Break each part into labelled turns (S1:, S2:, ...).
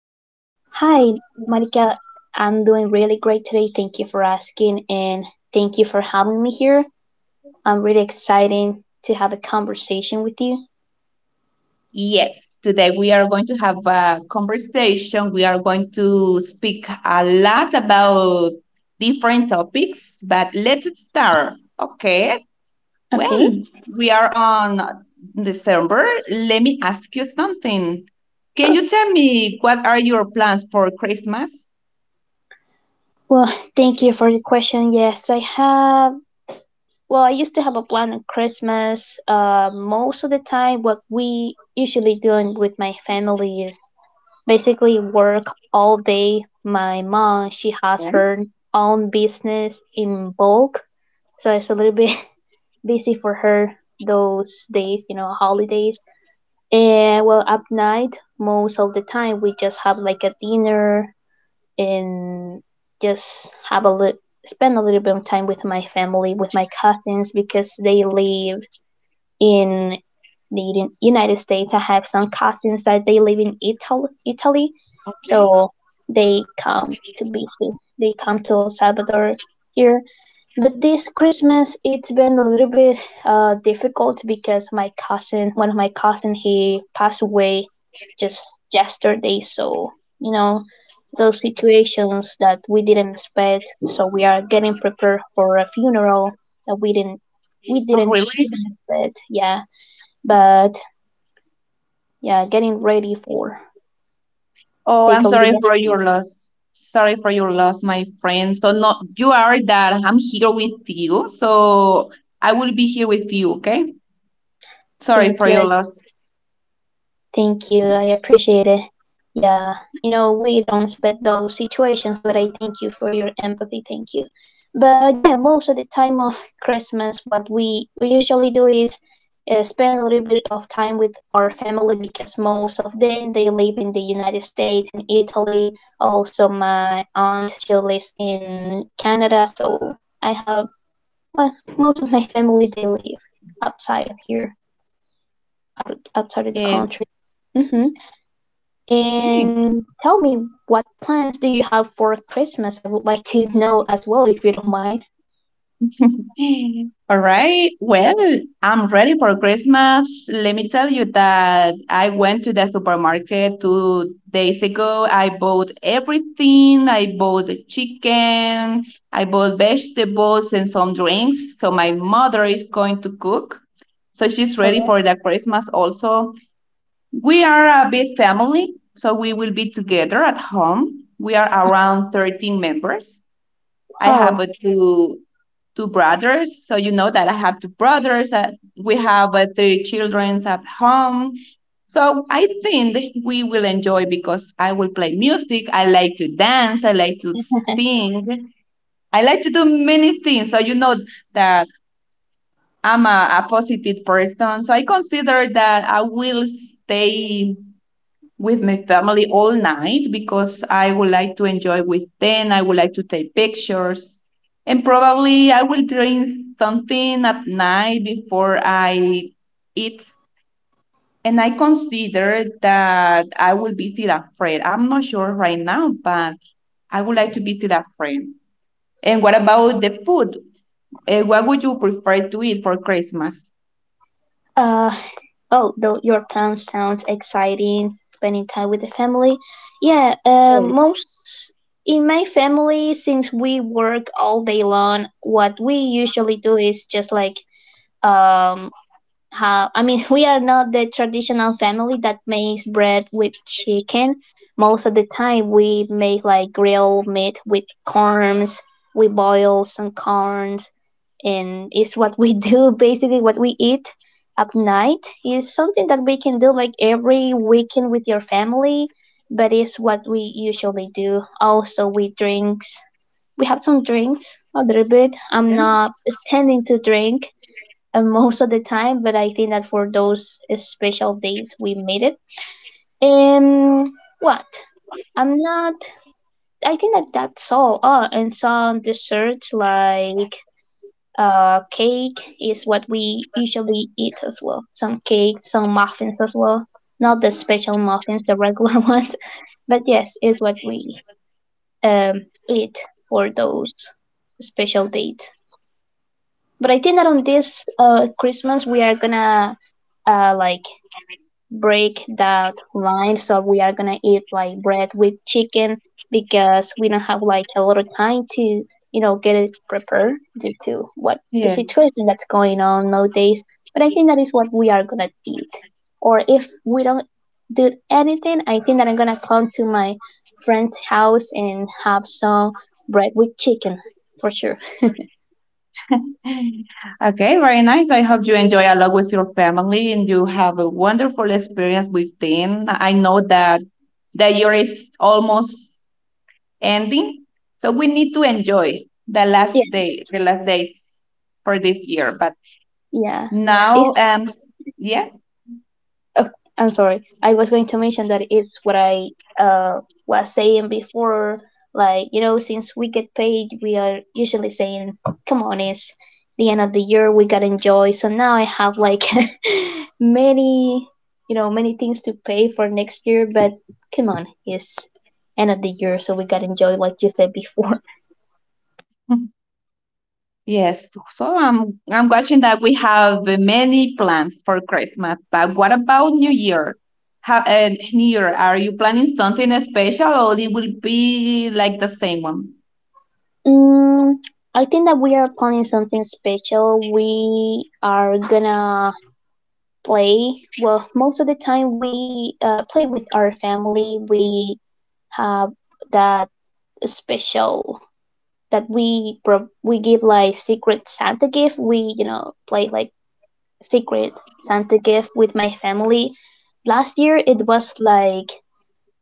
S1: Hi, Monica. I'm doing really great today. Thank you for asking and thank you for having me here. I'm really excited to have a conversation with you.
S2: Yes, today we are going to have a conversation. We are going to speak a lot about different topics, but let's start. Okay. Well,
S1: Okay,
S2: we are on December. Let me ask you something. Can
S1: sure.
S2: you tell me what are your plans for Christmas?
S1: Well, thank you for your question. Yes, I have. Well, I used to have a plan on Christmas. Most of the time, what we usually doing with my family is basically work all day. My mom, she has
S2: Okay.
S1: her own business in bulk, so it's a little bit busy for her those days, you know, holidays. And well, at night, most of the time, we just have like a dinner and just have a little spend a little bit of time with my family, with my cousins, because they live in the United States. I have some cousins that they live in Italy, so they come to visit. They come to El Salvador here, but this Christmas, it's been a little bit difficult because my cousin, one of my cousin, he passed away just yesterday. So you know, those situations that we didn't expect. So we are getting prepared for a funeral that we
S2: Oh,
S1: didn't
S2: really?
S1: even expect. Yeah, but yeah, getting ready for
S2: Oh,
S1: take
S2: I'm
S1: a little
S2: sorry
S1: bit.
S2: for your loss. Sorry for your loss, my friend. So no, you are that I'm here with you. So I will be here with you, okay? Sorry
S1: Thank
S2: for your
S1: you.
S2: loss.
S1: Thank you. I appreciate it. Yeah, you know, we don't expect those situations, but I thank you for your empathy. Thank you. But yeah, most of the time of Christmas, what we usually do is spend a little bit of time with our family because most of them they live in the United States, in Italy. Also, my aunt she lives in Canada, so I have well, most of my family they live outside here, outside of the
S2: Yes.
S1: country. Mm-hmm.
S2: Okay.
S1: And tell me, what plans do you have for Christmas? I would like to know as well, if you don't mind.
S2: All right. Well, I'm ready for Christmas. Let me tell you that I went to the supermarket 2 days ago. I bought everything. I bought chicken. I bought vegetables and some drinks. So my mother is going to cook. So she's ready for
S1: Oh,
S2: the Christmas also. We are a big family. So we will be together at home. We are around 13 members. I
S1: wow.
S2: have two brothers. So you know that I have two brothers. We have three children at home. So I think that we will enjoy because I will play music. I like to dance. I like to sing. I like to do many things. So you know that I'm a positive person. So I consider that I will stay with my family all night because I would like to enjoy with them. I would like to take pictures. And probably I will drink something at night before I eat. And I consider that I will visit a friend. I'm not sure right now, but I would like to visit a friend. And what about the food? What would you prefer to eat for Christmas?
S1: Uh, oh, though your plan sounds exciting, spending time with the family. Yeah,
S2: Yes.
S1: most in my family, since we work all day long, what we usually do is just like um have we are not the traditional family that makes bread with chicken. Most of the time we make like grilled meat with corns. We boil some corns and it's what we do. Basically what we eat at night is something that we can do like every weekend with your family, but it's what we usually do. Also we have some drinks a little bit. I'm
S2: Yeah.
S1: not standing to drink, most of the time, but I think that for those special days we made it. And what? I'm not. I think that's all. Oh, and some desserts like cake is what we usually eat as well. Some cake, some muffins as well. Not the special muffins, the regular ones, but yes, is what we um eat for those special dates. But I think that on this Christmas we are gonna like break that line. So we are gonna eat like bread with chicken because we don't have like a lot of time to you know get it prepared due to what the
S2: Yes.
S1: situation that's going on nowadays. But I think that is what we are gonna eat. Or if we don't do anything, I think that I'm gonna come to my friend's house and have some bread with chicken for sure.
S2: Okay, very nice. I hope you enjoy a lot with your family and you have a wonderful experience with them. I know that the year is almost ending, so we need to enjoy
S1: Yeah,
S2: the last day for this year. But
S1: yeah.
S2: now,
S1: It's
S2: yeah,
S1: Oh, I'm sorry. I was going to mention that it's what I uh, was saying before. Like, you know, since we get paid, we are usually saying, come on, it's the end of the year, we got to enjoy. So now I have like many, you know, many things to pay for next year, but come on, it's end of the year, so we got to enjoy, like you said before.
S2: yes. So I'm watching that we have many plans for Christmas. But what about New Year? New Year, are you planning something special or it will be like the same one?
S1: Mm, I think that we are planning something special. We are gonna play well most of the time we play with our family. We have that special that we give like secret santa gift. We you know play like secret santa gift with my family. Last year it was like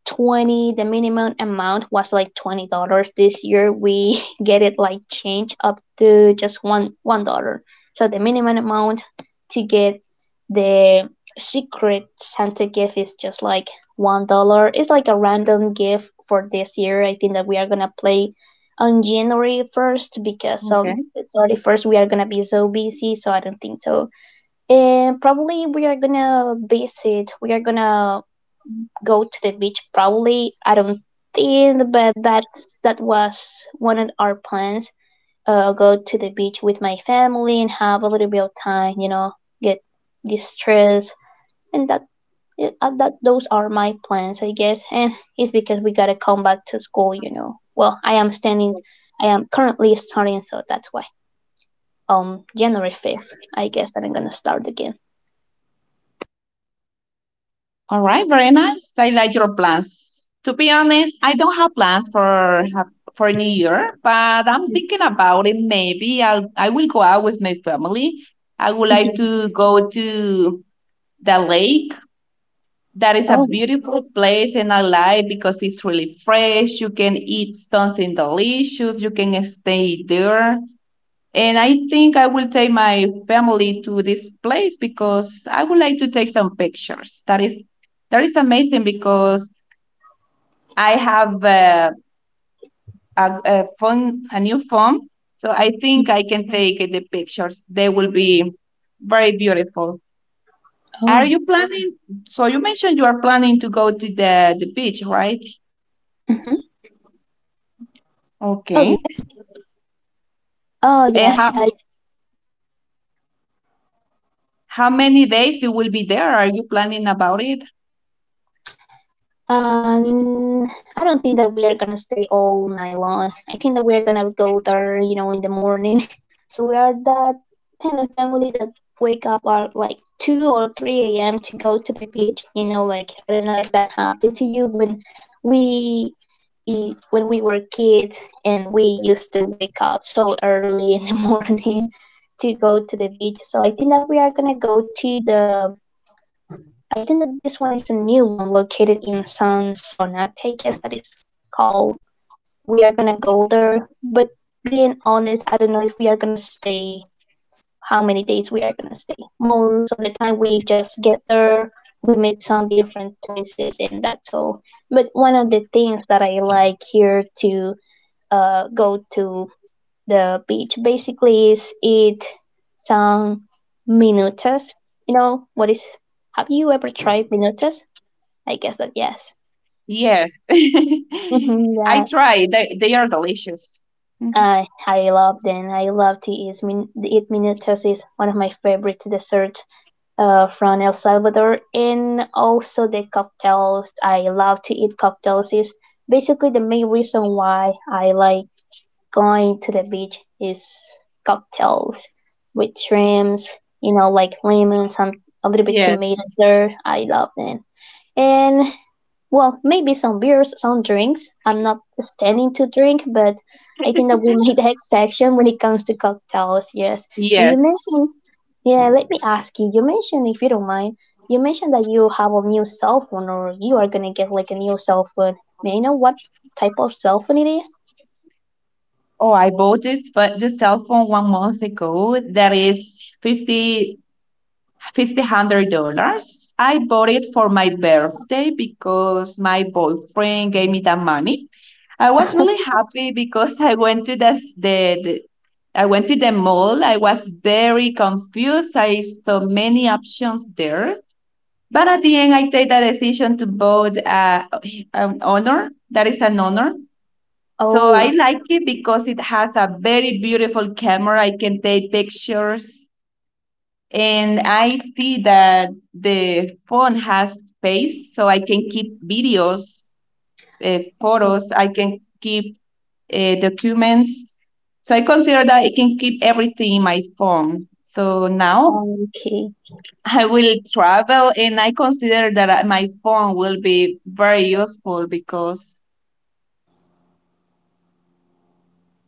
S1: 20, the minimum amount was like $20. This year we get it like change up to just one dollar. So the minimum amount to get the secret santa gift is just like $1. It's like a random gift for this year. I think that we are gonna play on january 1st because on
S2: Okay.
S1: the 31st we are gonna be so busy, so I don't think so. And probably we are gonna visit, we are gonna go to the beach probably. I don't think, but that's that was one of our plans. Go to the beach with my family and have a little bit of time. You know, get distressed, and that that those are my plans, I guess. And it's because we gotta come back to school. You know, well, I am standing. I am currently starting, so that's why. January 5th, I guess that I'm gonna start again.
S2: All right. Very nice. I like your plans. To be honest, I don't have plans for for New Year, but I'm
S1: Mhm.
S2: thinking about it. Maybe I will go out with my family. I would like
S1: Mhm.
S2: to go to the lake. That is a
S1: Oh,
S2: beautiful place, and I like because it's really fresh. You can eat something delicious. You can stay there. And I think I will take my family to this place because I would like to take some pictures. That is amazing because I have a phone, a new phone, so I think I can take the pictures. They will be very beautiful. Are
S1: oh.
S2: you planning? So you mentioned you are planning to go to the beach, right?
S1: Mhm. Oh
S2: Okay.
S1: yes. Oh yeah.
S2: And how how many days you will be there? Are you planning about it?
S1: Um, I don't think that we are gonna stay all night long. I think that we are gonna go there, you know, in the morning. So we are that kind of family that wake up at like two or three a.m. to go to the beach. You know, like I don't know if that happened to you when we when we were kids and we used to wake up so early in the morning to go to the beach. So I think that we are gonna go to the I think that this one is a new one located in Sonsonate, I guess that is called. We are gonna go there, but being honest, I don't know if we are gonna stay, how many days we are gonna stay. Most of the time, we just get there, we meet some different places, and that's all. But one of the things that I like here to go to the beach basically is eat some minutas. You know, what is, have you ever tried minutas? I guess that yes.
S2: Yes.
S1: Mm-hmm,
S2: I
S1: yeah.
S2: tried. They are delicious. Mhm.
S1: I love them. I love to eat. Eat minutas is one of my favorite desserts from El Salvador, and also the cocktails. I love to eat cocktails. Is basically the main reason why I like going to the beach is cocktails with shrimps. You know, like lemon, some a little bit
S2: Yes.
S1: tomatoes there. I love them. And well, maybe some beers, some drinks. I'm not standing to drink, but I think that we made that section when it comes to cocktails, yes. And you
S2: Yes.
S1: mentioned, yeah, let me ask you, you mentioned, if you don't mind, you mentioned that you have a new cell phone or you are going to get like a new cell phone. May I know what type of cell phone it is?
S2: Oh, I bought this but the cell phone one month ago that is fifty fifty hundred dollars. I bought it for my birthday because my boyfriend gave me that money. I was really happy because I went to the mall. I was very confused. I saw many options there. But at the end, I take the decision to vote an honor. That is an honor. So I
S1: Oh,
S2: like it because it has a very beautiful camera. I can take pictures, and I see that the phone has space, so I can keep videos,
S1: um,
S2: photos. I can keep documents. So I consider that I can keep everything in my phone. So now
S1: okay.
S2: I will travel, and I consider that my phone will be very useful because I'm taking care about it.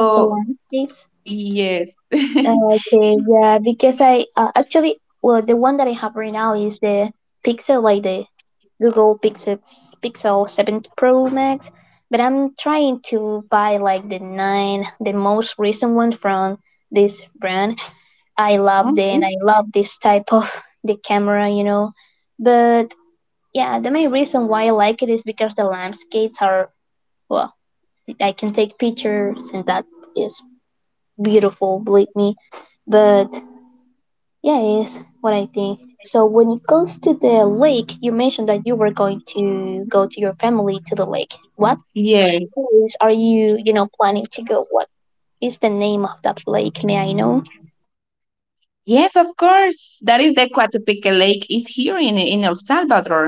S1: Of the landscapes?
S2: yes.
S1: Okay, yeah, because I actually, well, the one that I have right now is the Pixel, like the Google Pixel Seven Pro Max. But I'm trying to buy like the nine, the most recent one from this brand. I love the
S2: Okay.
S1: and I love this type of the camera, you know. But yeah, the main reason why I like it is because the landscapes are well, I can take pictures and that is beautiful, believe me. But yeah, is what I think. So when it goes to the lake, you mentioned that you were going to go to your family to the lake. What
S2: Yeah.
S1: place are you, you know, planning to go? What is the name of that lake? May I know?
S2: Yes, of course. That is the Coatepeque Lake is here in El Salvador.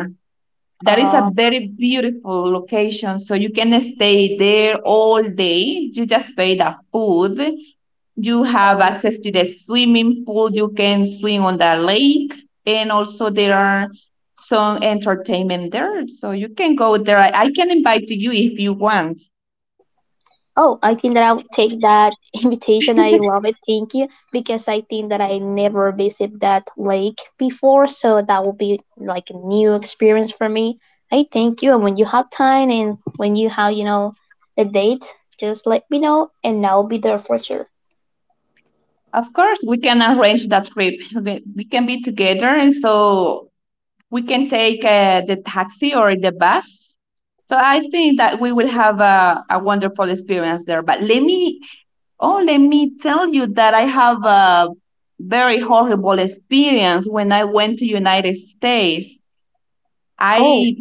S2: That is a
S1: Uh,
S2: very beautiful location. So you can stay there all day. You just pay the food. You have access to the swimming pool. You can swim on the lake. And also there are some entertainment there. So you can go there. I can invite you if you want.
S1: Oh, I think that I'll take that invitation. I love it. Thank you. Because I think that I never visited that lake before. So that will be like a new experience for me. I thank you. And when you have time and when you have, you know, a date, just let me know and I'll be there for sure.
S2: Of course, we can arrange that trip. Okay, we can be together. And so we can take the taxi or the bus. So I think that we will have a wonderful experience there. But let me Oh, let me tell you that I have a very horrible experience when I went to United States.
S1: Oh,
S2: I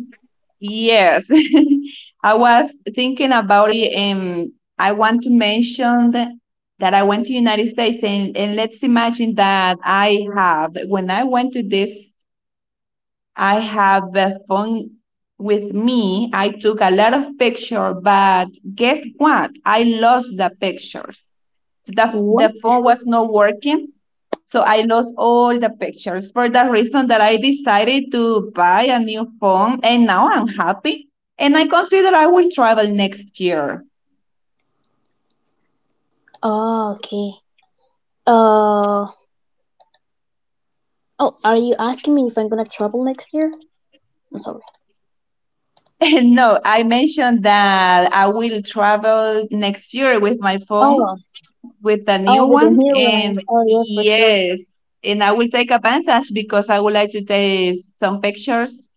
S2: Yes, I was thinking about it, and I want to mention that I went to United States, and let's imagine that I have when I went to this I have the phone with me. I took a lot of pictures, but guess what? I lost the pictures. The
S1: what?
S2: phone was not working, so I lost all the pictures for the reason that I decided to buy a new phone, and now I'm happy. And I consider I will travel next year.
S1: Oh, okay. Uh, oh, are you asking me if I'm gonna travel next year? I'm sorry.
S2: No, I mentioned that I will travel next year with my phone
S1: Oh,
S2: with the new
S1: oh, with a
S2: one.
S1: new one.
S2: And
S1: Oh, yeah, for sure.
S2: yes, and I will take advantage because I would like to take some pictures.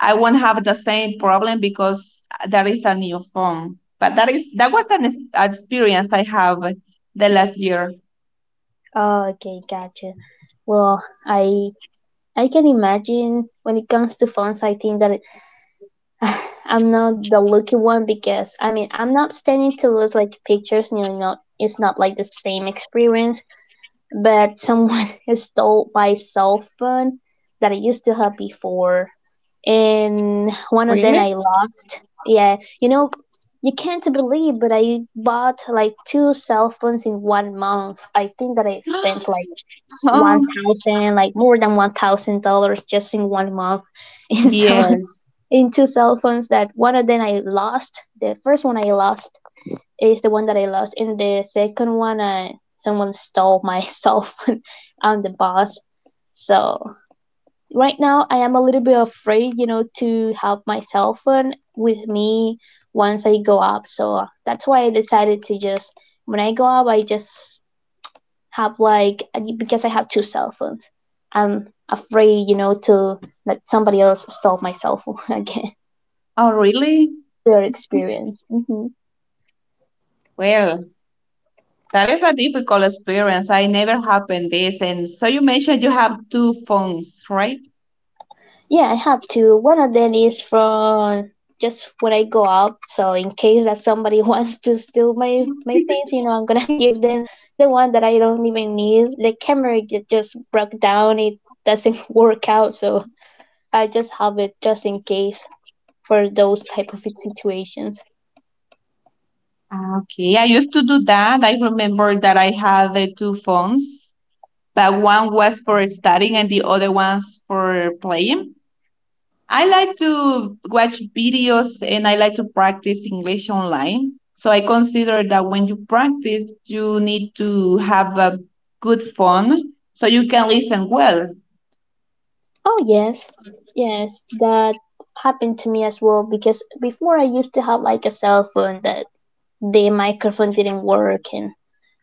S2: I won't have the same problem because that is a new phone. But that was an experience I have the last year.
S1: Oh, okay, gotcha. Well, I can imagine when it comes to funds, I think that it, I'm not the lucky one because I'm not standing to lose like pictures. You know, it's not like the same experience. But someone stole my cell phone that I used to have before, and one of them
S2: Really?
S1: I lost. Yeah, you know, you can't believe, but I bought like two cell phones in 1 month. I think that I spent like
S2: Oh,
S1: 1,000, like more than $1,000 just in 1 month in so,
S2: yeah.
S1: in two cell phones. That One of them I lost. The first one I lost is the one that I lost, and the second one, someone stole my cell phone. I'm the boss, so right now I am a little bit afraid, you know, to have my cell phone with me once I go up. So that's why I decided to just when I go up, I just have like because I have two cell phones. I'm afraid, you know, to that somebody else stole my cell phone again.
S2: Oh, really?
S1: Their experience.
S2: Well, that is a difficult experience. I never happened this. And so you mentioned you have two phones, right?
S1: Yeah, I have two. One of them is from just when I go out. So in case that somebody wants to steal my things, you know, I'm gonna give them the one that I don't even need. The camera just broke down. It doesn't work out, so I just have it just in case for those type of situations.
S2: Ah, okay, I used to do that. I remember that I had the two phones, but one was for studying and the other one's for playing. I like to watch videos and I like to practice English online. So I consider that when you practice, you need to have a good phone so you can listen well.
S1: Oh, yes, yes, that happened to me as well because before I used to have like a cell phone that the microphone didn't work and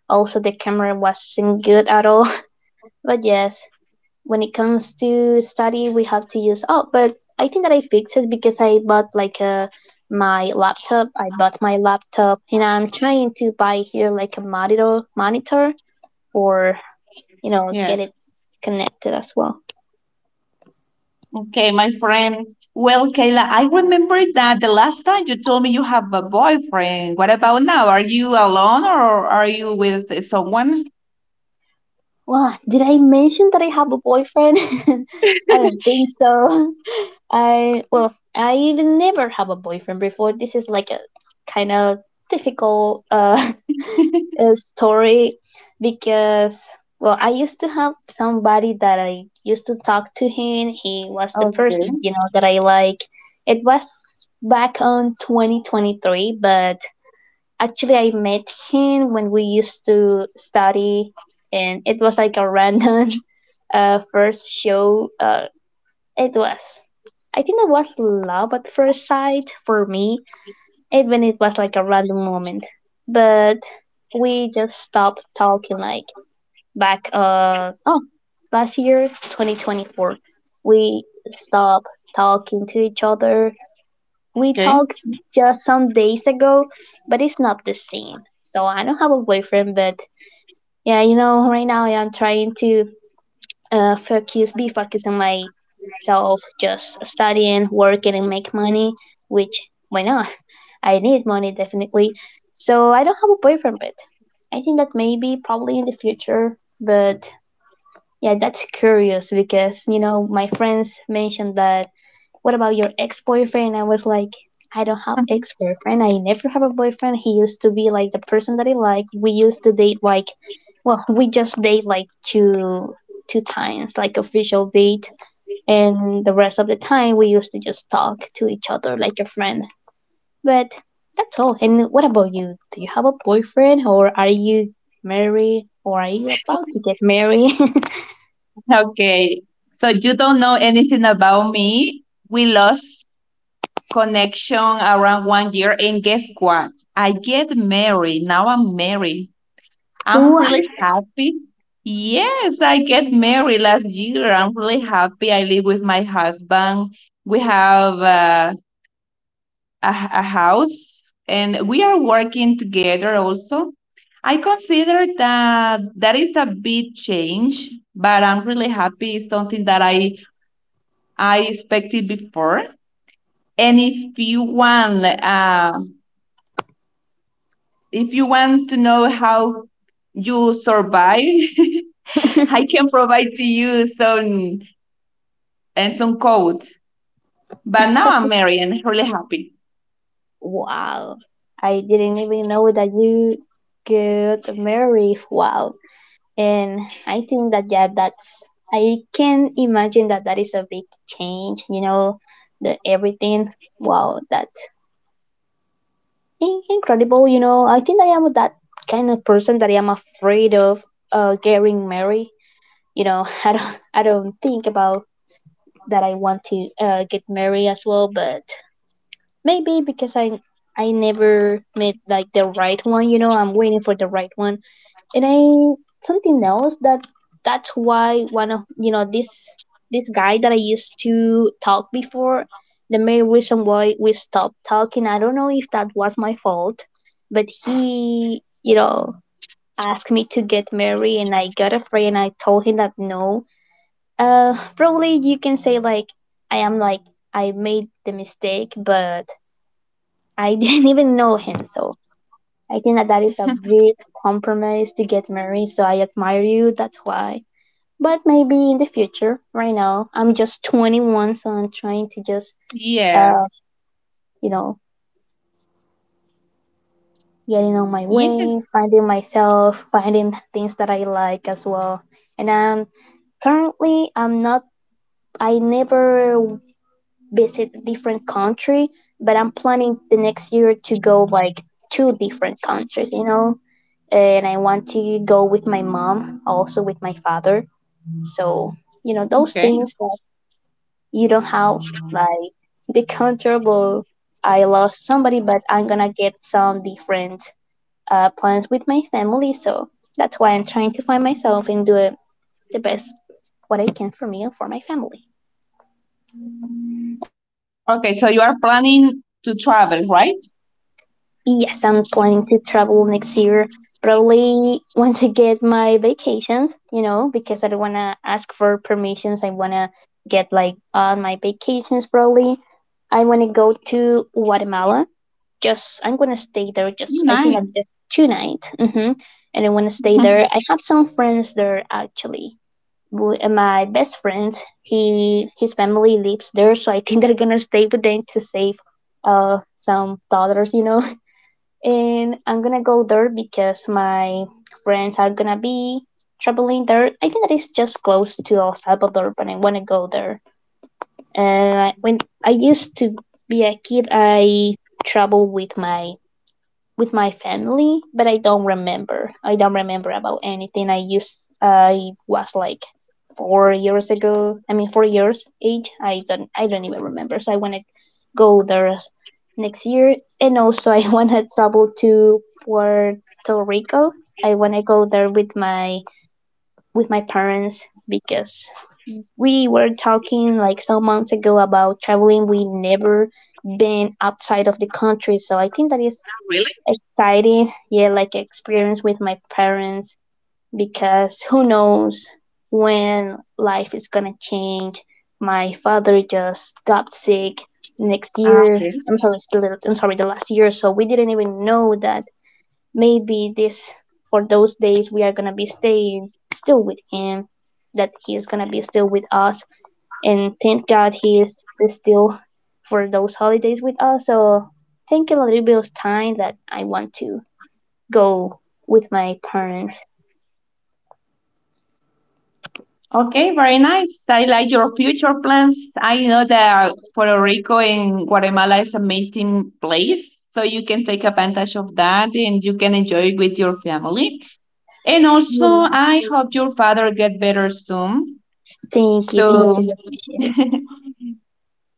S1: also the camera wasn't good at all. But yes, when it comes to study, we have to use. Oh, but I think that I fixed it because I bought like a my laptop. I bought my laptop and I'm trying to buy here like a monitor, or you know, get
S2: Yes.
S1: it connected as well.
S2: Okay, my friend. Well, Kayla, I remember that the last time you told me you have a boyfriend. What about now? Are you alone or are you with someone?
S1: Well, did I mention that I have a boyfriend? I don't think so. I well, I even never have a boyfriend before. This is like a kind of difficult story because well, I used to have somebody that I used to talk to him. He was the
S2: Okay.
S1: person, you know, that I like. It was back on 2023, but actually I met him when we used to study, and it was like a random first show. It was, I think it was love at first sight for me, even it was like a random moment. But we just stopped talking like back last year 2024. We stopped talking to each other. We
S2: Okay.
S1: talked just some days ago, but it's not the same. So I don't have a boyfriend, but yeah, you know, right now I'm trying to focus, be focused on myself, just studying, working, and make money. Which why not? I need money, definitely. So I don't have a boyfriend, but I think that maybe probably in the future. But yeah, that's curious because, you know, my friends mentioned that what about your ex boyfriend? I was like, I don't have ex boyfriend. I never have a boyfriend. He used to be like the person that I like. We used to date like, well, we just date like two times, like official date, and the rest of the time we used to just talk to each other like a friend. But that's all. And what about you? Do you have a boyfriend or are you married or are you about to get married?
S2: Okay. So you don't know anything about me. We lost connection around one year, and guess what? I get married. Now I'm married. I'm
S1: What?
S2: really happy. Yes, I get married last year. I'm really happy. I live with my husband. We have a house and we are working together also. I consider that that is a big change, but I'm really happy. It's something that I expected before. And if you want to know how you survive, I can provide to you some and some coat. But now I'm married and really happy.
S1: Wow. I didn't even know that you could married. Wow. And I think that, yeah, that's, I can imagine that that is a big change, you know, the everything. Wow, that incredible, you know. I think that I am that kind of person that I am afraid of getting married. You know, I don't think about that I want to get married as well, but maybe because I never met like the right one, you know, I'm waiting for the right one. And I something else that 's why one of, you know, this guy that I used to talk before, the main reason why we stopped talking, I don't know if that was my fault, but he, you know, asked me to get married and I got afraid and I told him that no. Uh, probably you can say like I am like I made the mistake, but I didn't even know him, so I think that that is a big compromise to get married. So I admire you. That's why. But maybe in the future. Right now, I'm just 21, so I'm trying to just,
S2: Yeah.
S1: uh, you know, getting on my
S2: Yes.
S1: way, finding myself, finding things that I like as well. And I'm currently, I'm not. I never visit a different country, but I'm planning the next year to go like two different countries, you know? And I want to go with my mom, also with my father. So, you know, those
S2: Okay.
S1: things that you don't have like the comfortable I lost somebody, but I'm gonna get some different plans with my family. So that's why I'm trying to find myself and do it the best what I can for me and for my family.
S2: Okay, so you are planning to travel, right?
S1: Yes, I'm planning to travel next year. Probably once I get my vacations, you know, because I don't want to ask for permissions. I want to get like on my vacations, probably. I want to go to Guatemala. Just, I'm going to stay there. Just, I think that's
S2: Nice.
S1: just two nights. Hmm. And I want to stay there. I have some friends there actually. My best friend, he his family lives there, so I think they're gonna stay with them to save some dollars, you know, and I'm gonna go there because my friends are gonna be traveling there. I think that is just close to El Salvador, but I wanna go there. And I, when I used to be a kid, I traveled with my family, but I don't remember. I don't remember about anything. I was like 4 years ago. I mean, 4 years age. I don't even remember. So I want to go there next year, and also I want to travel to Puerto Rico. I want to go there with my parents because we were talking like some months ago about traveling. We never been outside of the country, so I think that is
S2: Really?
S1: exciting, yeah, like experience with my parents because who knows when life is gonna change. My father just got sick next
S2: Ah,
S1: year,
S2: okay.
S1: I'm sorry, it's the I'm sorry, the last year, so we didn't even know that maybe this for those days we are gonna be staying still with him, that he is gonna be still with us. And thank God he is still for those holidays with us. So thank you a little time that I want to go with my parents.
S2: Okay, very nice. I like your future plans. I know that Puerto Rico and Guatemala is amazing place, so you can take advantage of that and you can enjoy with your family. And also,
S1: Yeah.
S2: I hope your father get better soon.
S1: Thank you,
S2: So
S1: I appreciate it.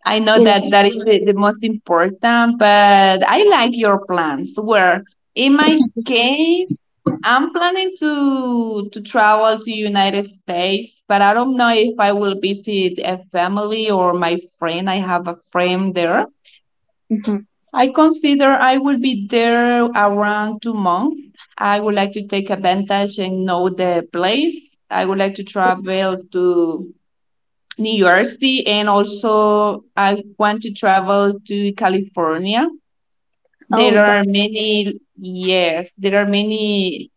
S2: I know
S1: You know.
S2: that that is the most important, but I like your plans. Where in my case, I'm planning to travel to United States, but I don't know if I will visit a family or my friend. I have a friend there.
S1: Mhm.
S2: I consider I will be there around 2 months. I would like to take advantage and know the place. I would like to travel to New Jersey, and also I want to travel to California.
S1: Oh,
S2: There are
S1: that's
S2: many, yes, there are many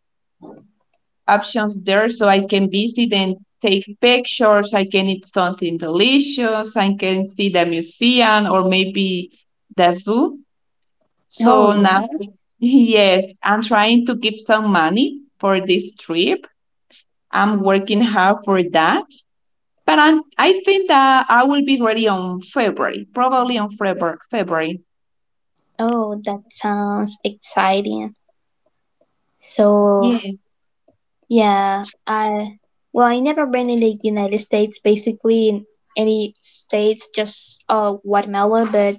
S2: options there, so I can visit and take pictures. I can eat something delicious. I can see the museum or maybe the zoo. So
S1: oh yeah.
S2: now, yes, I'm trying to keep some money for this trip. I'm working hard for that. But I think that I will be ready on February, probably on February. February.
S1: Oh, that sounds exciting. So yeah, I well, I never been in the United States. Basically, in any states, just Guatemala, but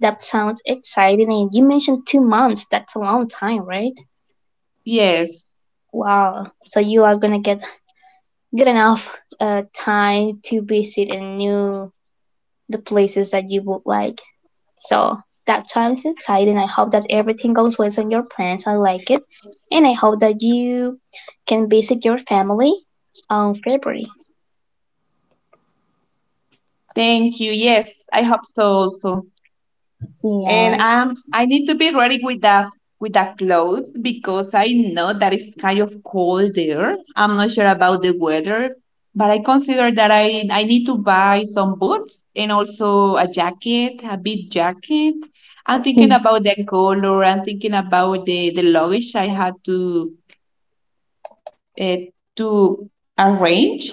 S1: that sounds exciting. And you mentioned 2 months. That's a long time, right?
S2: Yes.
S1: Wow. So you are gonna get good enough time to visit and new the places that you would like. So that sounds exciting. I hope that everything goes well on your plans. I like it, and I hope that you can visit your family on February.
S2: Thank you. Yes, I hope so also.
S1: Yeah.
S2: And I need to be ready with the clothes because I know that it's kind of cold there. I'm not sure about the weather, but I consider that I need to buy some boots and also a jacket, a big jacket. I'm
S1: Hmm.
S2: thinking about the color. I'm thinking about the luggage I had uh, to arrange.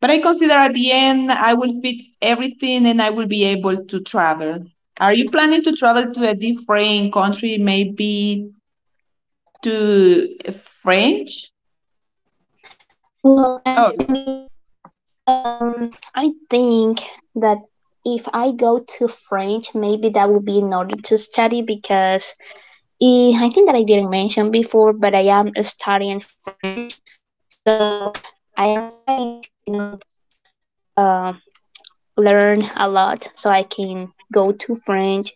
S2: But I consider at the end I will fix everything and I will be able to travel. Are you planning to travel to a different country, maybe to French?
S1: Well,
S2: Oh,
S1: actually, I think that if I go to French, maybe that will be in order to study because I think that I didn't mention before, but I am studying French. So I am trying to, you know, uh, learn a lot so I can go to French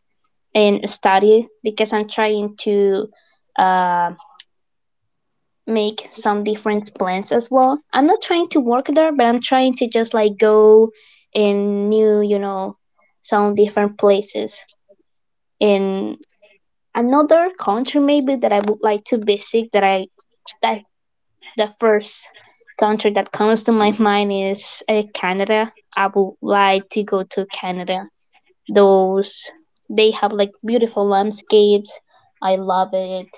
S1: and study because I'm trying to uh, make some different plans as well. I'm not trying to work there, but I'm trying to just like go in new, you know, some different places in another country maybe that I would like to visit that I that the first country that comes to my mind is Canada. I would like to go to Canada. Those they have like beautiful landscapes. I love it.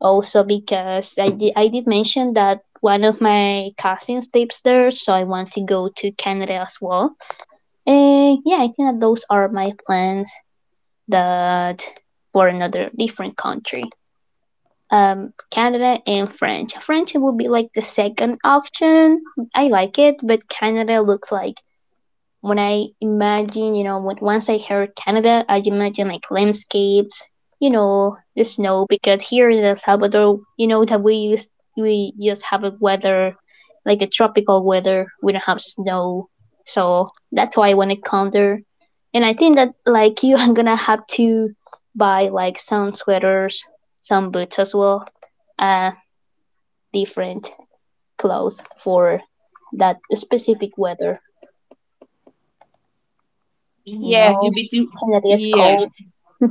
S1: Also because I did mention that one of my cousins lives there, so I want to go to Canada as well. And yeah, I think that those are my plans that for another different country, Canada and French. French would be like the second option. I like it, but Canada looks like when I imagine, you know, when once I heard Canada, I imagine like landscapes, you know, the snow because here in El Salvador, you know that we use we just have a weather like a tropical weather. We don't have snow. So that's why I wanna come there. And I think that like you I'm gonna have to buy like some sweaters, some boots as well, uh, different clothes for that specific weather. You
S2: yes,
S1: know,
S2: you be to
S1: Canada is
S2: yeah.
S1: cold.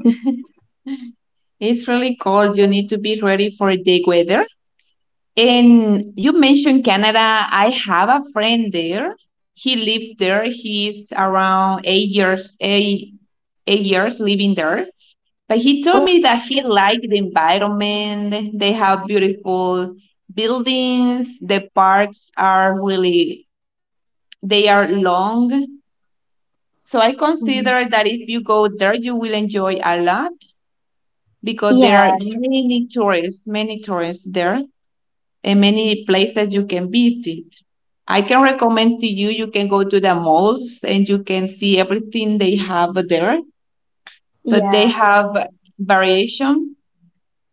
S2: It's really cold. You need to be ready for the weather. And you mentioned Canada. I have a friend there. He lives there. He's around eight years living there. But he
S1: Oh,
S2: told me that he liked the environment. They have beautiful buildings. The parks are they are long. So I
S1: Mhm.
S2: consider that if you go there, you will enjoy a lot because
S1: Yeah,
S2: there are many tourists there and many places you can visit. I can recommend to you, you can go to the malls and you can see everything they have there. So
S1: yeah.
S2: they have variation.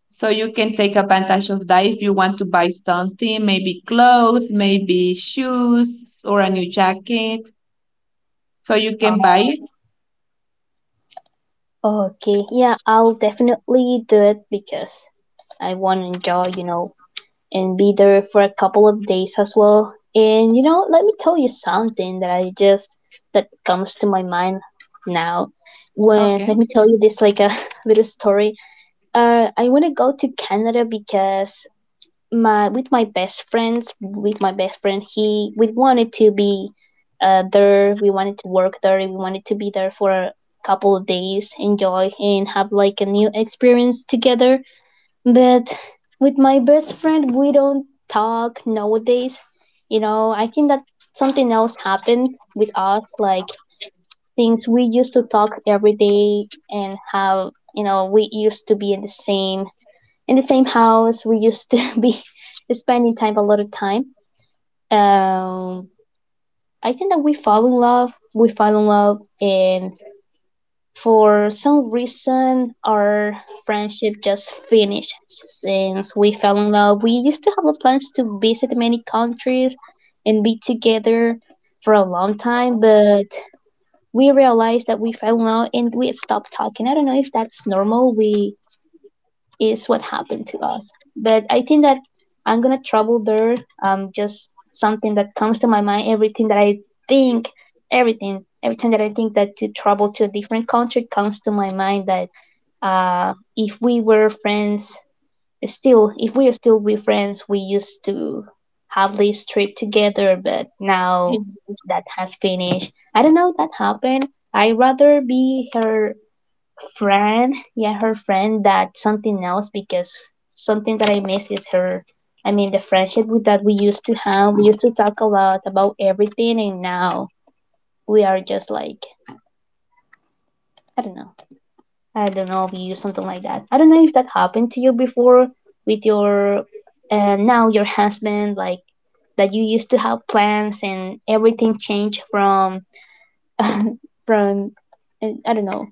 S2: So you can take advantage of that if you want to buy something, maybe clothes, maybe shoes or a new jacket. So you can buy it.
S1: Oh, okay, yeah. I'll definitely do it because I want to enjoy, you know, and be there for a couple of days as well. And you know, let me tell you something that I just that comes to my mind now. When
S2: Okay.
S1: let me tell you this, like a little story. I want to go to Canada because my with my best friends with my best friend he we wanted to be there, we wanted to work there, we wanted to be there for a couple of days, enjoy and have like a new experience together. But with my best friend, we don't talk nowadays. You know, I think that something else happened with us, like since we used to talk every day and have, you know, we used to be in the same house. We used to be spending time a lot of time. Um, I think that we fall in love. We fall in love, and for some reason, our friendship just finished since we fell in love. We used to have a plans to visit many countries and be together for a long time, but we realized that we fell in love and we stopped talking. I don't know if that's normal. We is what happened to us. But I think that I'm gonna travel there. Just something that comes to my mind. Everything that I think, everything, every time that I think that to travel to a different country comes to my mind. That, if we were friends still, if we are still be friends, we used to have this trip together. But now that has finished. I don't know that happened. I rather be her friend, yeah, her friend, that something else, because something that I miss is her. I mean, the friendship with that we used to have, we used to talk a lot about everything. And now we are just like, I don't know. I don't know if you use something like that. I don't know if that happened to you before with your now your husband, like that you used to have plans and everything changed from from, I don't know,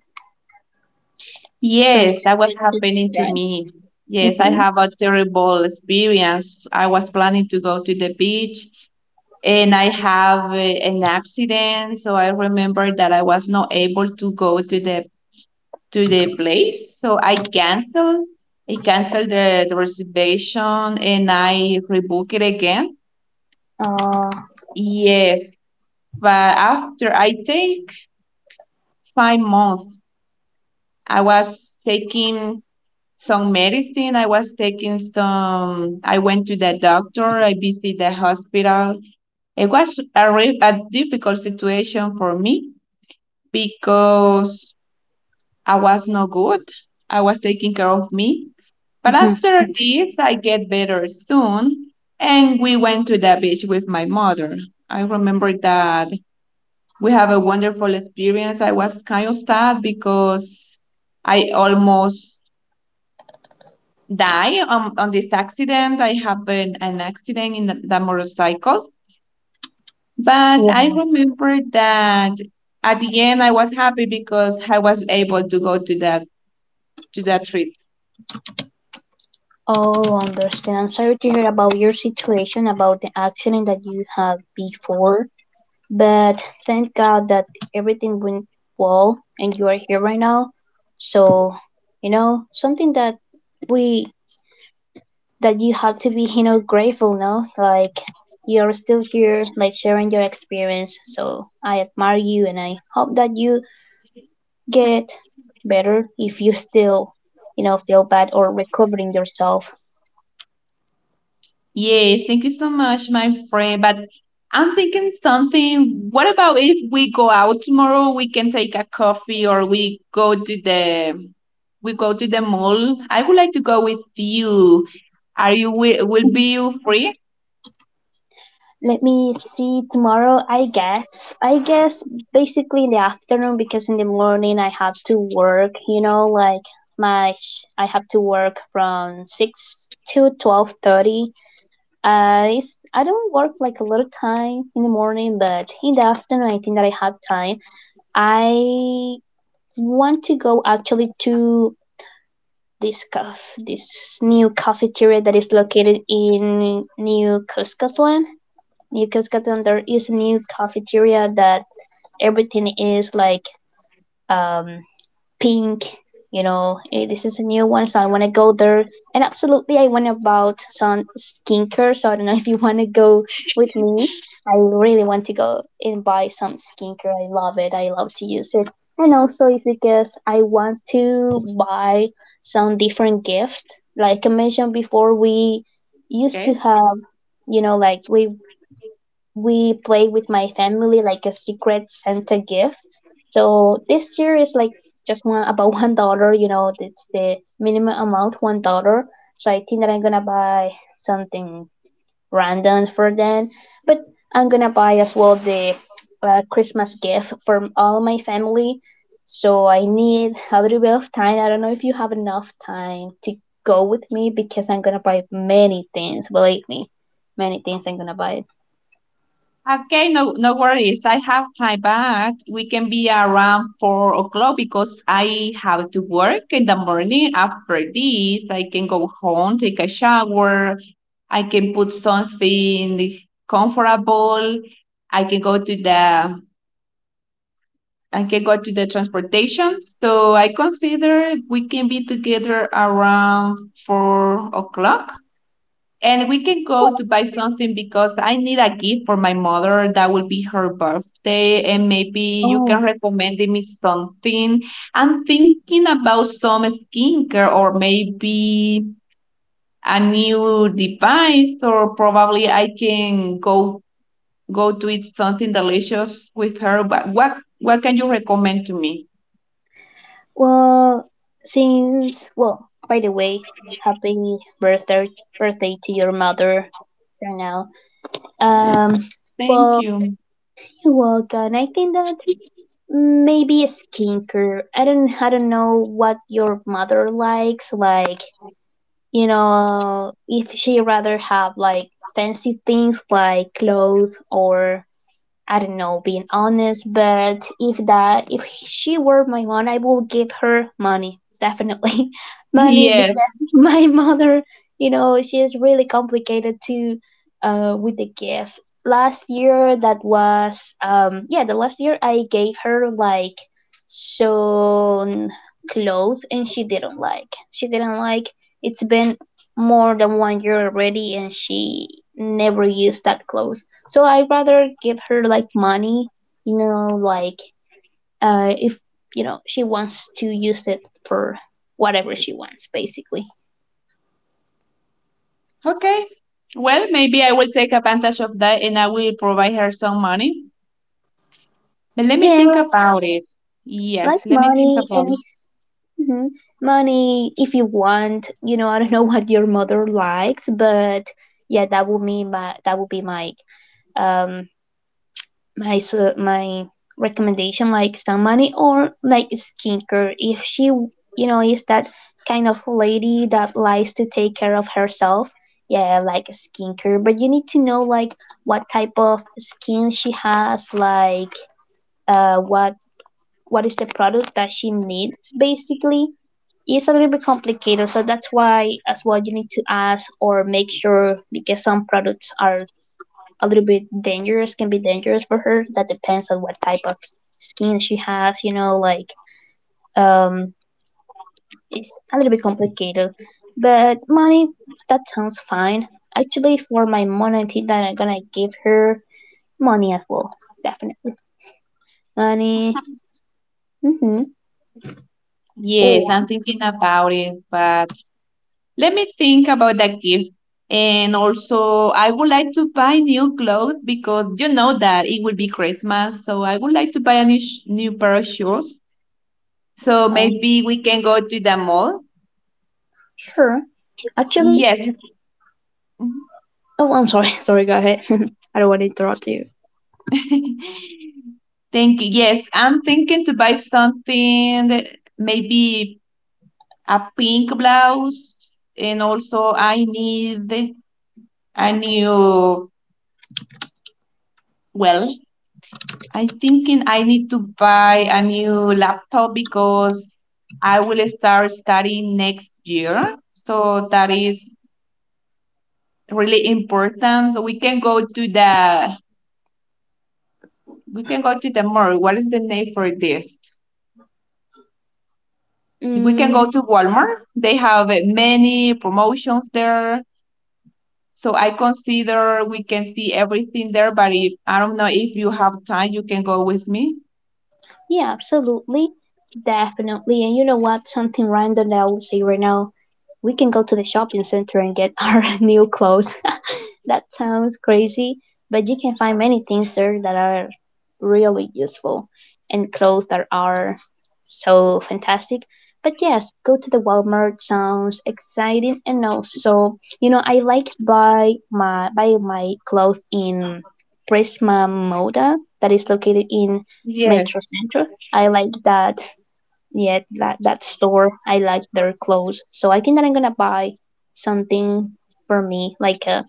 S1: from,
S2: Yes, that was happening to
S1: yeah.
S2: me. Yes, I
S1: mm-hmm.
S2: have a terrible experience. I was planning to go to the beach and I have an accident. So I remember that I was not able to go to the place. So I canceled the reservation and I rebook it again.
S1: uh,
S2: Yes, but after I take 5 months, I was taking some medicine. I was taking some. I went to the doctor. I visited the hospital. It was a difficult situation for me because I was not good. I was taking care of me. But
S1: mhm.
S2: after this, I get better soon. And we went to the beach with my mother. I remember that we have a wonderful experience. I was kind of sad because I almost die on this accident. I have an accident in the motorcycle. But I
S1: Wow.
S2: remember that at the end I was happy because I was able to go to that trip.
S1: Oh, understand. I'm sorry to hear about your situation, about the accident that you had before. But thank God that everything went well and you are here right now. So, you know, something that we that you have to be, you know, grateful, no? Like you're still here, like sharing your experience. So I admire you and I hope that you get better if you still, you know, feel bad or recovering yourself.
S2: Yes, thank you so much, my friend. But I'm thinking something. What about if we go out tomorrow? We can take a coffee or we go to the mall. I would like to go with you. Will be you free?
S1: Let me see, tomorrow, I guess. I guess basically in the afternoon, because in the morning I have to work, you know, like I have to work from 6 to 12:30. It's, I don't work like a lot of time in the morning, but in the afternoon I think that I have time. I want to go actually to this this new cafeteria that is located in New Cuscatlan. New Cuscatlan, there is a new cafeteria that everything is like um, pink. You know, this is a new one, so I want to go there. And absolutely, I went about some skincare, so I don't know if you want to go with me. I really want to go and buy some skincare. I love it. I love to use it. And also, it's because I want to buy some different gifts. Like I mentioned before, we used to have, you know, like we play with my family like a secret Santa gift. So this year is like just one about $1. You know, it's the minimum amount, $1. So I think that I'm gonna buy something random for them, but I'm gonna buy as well the Christmas gift for all my family. So I need a little bit of time. I don't know if you have enough time to go with me because I'm gonna buy many things. Believe me, many things I'm gonna buy.
S2: Okay, no, no worries. I have time back. We can be around 4 o'clock because I have to work in the morning. After this, I can go home, take a shower. I can put something comfortable. I can go to the transportation. So I consider we can be together around 4 o'clock. And we can go to buy something because I need a gift for my mother. That will be her birthday. And maybe you
S1: Oh.
S2: can recommend me something. I'm thinking about some skincare or maybe a new device, or probably I can go to eat something delicious with her. But what can you recommend to me?
S1: Well, well, by the way, happy birthday to your mother right now. Um,
S2: Thank
S1: well,
S2: you.
S1: you're welcome. I think that maybe a skincare. I don't know what your mother likes. Like, you know, if she rather have like fancy things like clothes or, I don't know, being honest. But if that if she were my mom, I would give her money, definitely money,
S2: Yes.
S1: because my mother, you know, she's really complicated too with the gift. Last year that was yeah, the last year I gave her like some clothes and she didn't like. She didn't like it's been more than 1 year already and she never used that clothes. So I'd rather give her like money, you know, like if you know, she wants to use it for whatever she wants, basically.
S2: Okay. Well, maybe I will take advantage of that and I will provide her some money. But let me
S1: Yeah,
S2: think about it.
S1: like
S2: Yes, let me think
S1: money,
S2: about
S1: any
S2: it.
S1: mhm, money if you want. You know, I don't know what your mother likes, but yeah, that would be my, that would be my um my recommendation, like some money or like skincare if she, you know, is that kind of lady that likes to take care of herself. Yeah, like skincare. But you need to know like what type of skin she has, like uh what what is the product that she needs, basically. It's a little bit complicated, so that's why as well you need to ask or make sure, because some products are a little bit dangerous, can be dangerous for her. That depends on what type of skin she has, you know, like um it's a little bit complicated. But money, that sounds fine. Actually for my money I think that I'm gonna give her money as well. Definitely. Money. Mm-hmm. Or
S2: Yes, I'm thinking about it, but let me think about that gift. And also, I would like to buy new clothes because you know that it will be Christmas. So I would like to buy a new pair of shoes. So
S1: um
S2: maybe we can go to the mall.
S1: sure. Actually,
S2: Yes.
S1: oh, I'm sorry, sorry, go ahead. I don't want to interrupt you.
S2: Thank you. Yes, I'm thinking to buy something, maybe a pink blouse, and also I need a new, well, I am thinking I need to buy a new laptop because I will start studying next year. So that is really important. So we can go to the we can go to the mall. What is the name for this? We can
S1: Mm,
S2: go to Walmart. They have many promotions there. So I consider we can see everything there, but if, I don't know if you have time, you can go with me.
S1: Yeah, absolutely. Definitely. And you know what? Something random that I will say right now. We can go to the shopping center and get our new clothes. That sounds crazy, but you can find many things there that are really useful and clothes that are so fantastic. But yes, go to the Walmart sounds exciting. And also, you know, I like buy my clothes in Prisma Moda that is located in
S2: Yes.
S1: Metro Center. I like that. Yeah, that, that store. I like their clothes. So I think that I'm gonna buy something for me. Like a,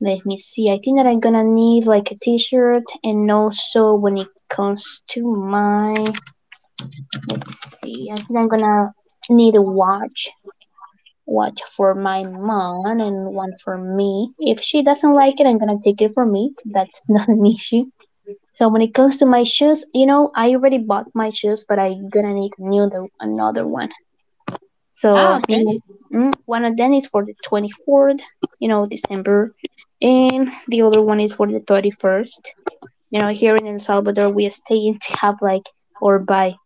S1: let me see. I think that I'm gonna need like a T-shirt, and also when it comes to my, let's see. I think I'm gonna need a watch. Watch for my mom and one for me. If she doesn't like it, I'm gonna take it for me. That's not an issue. So when it comes to my shoes, you know, I already bought my shoes, but I gonna need new the another one.
S2: Ah,
S1: So
S2: okay.
S1: you know, one of them is for the 24th, you know, December, and the other one is for the 31st. You know, here in El Salvador, we stay and have like or buy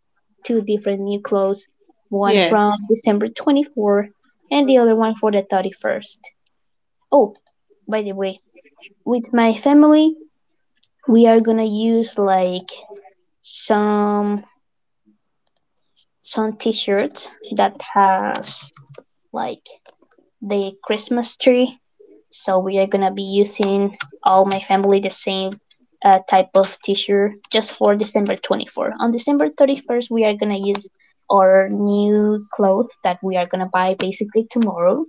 S1: two different new clothes, one
S2: Yes.
S1: from December 24th, and the other one for the 31st. Oh, by the way, with my family, we are gonna use like some some t-shirts that has like the Christmas tree. So we are gonna be using all my family the same type of t-shirt just for December 24. On December 31st, we are gonna use our new clothes that we are gonna buy basically tomorrow.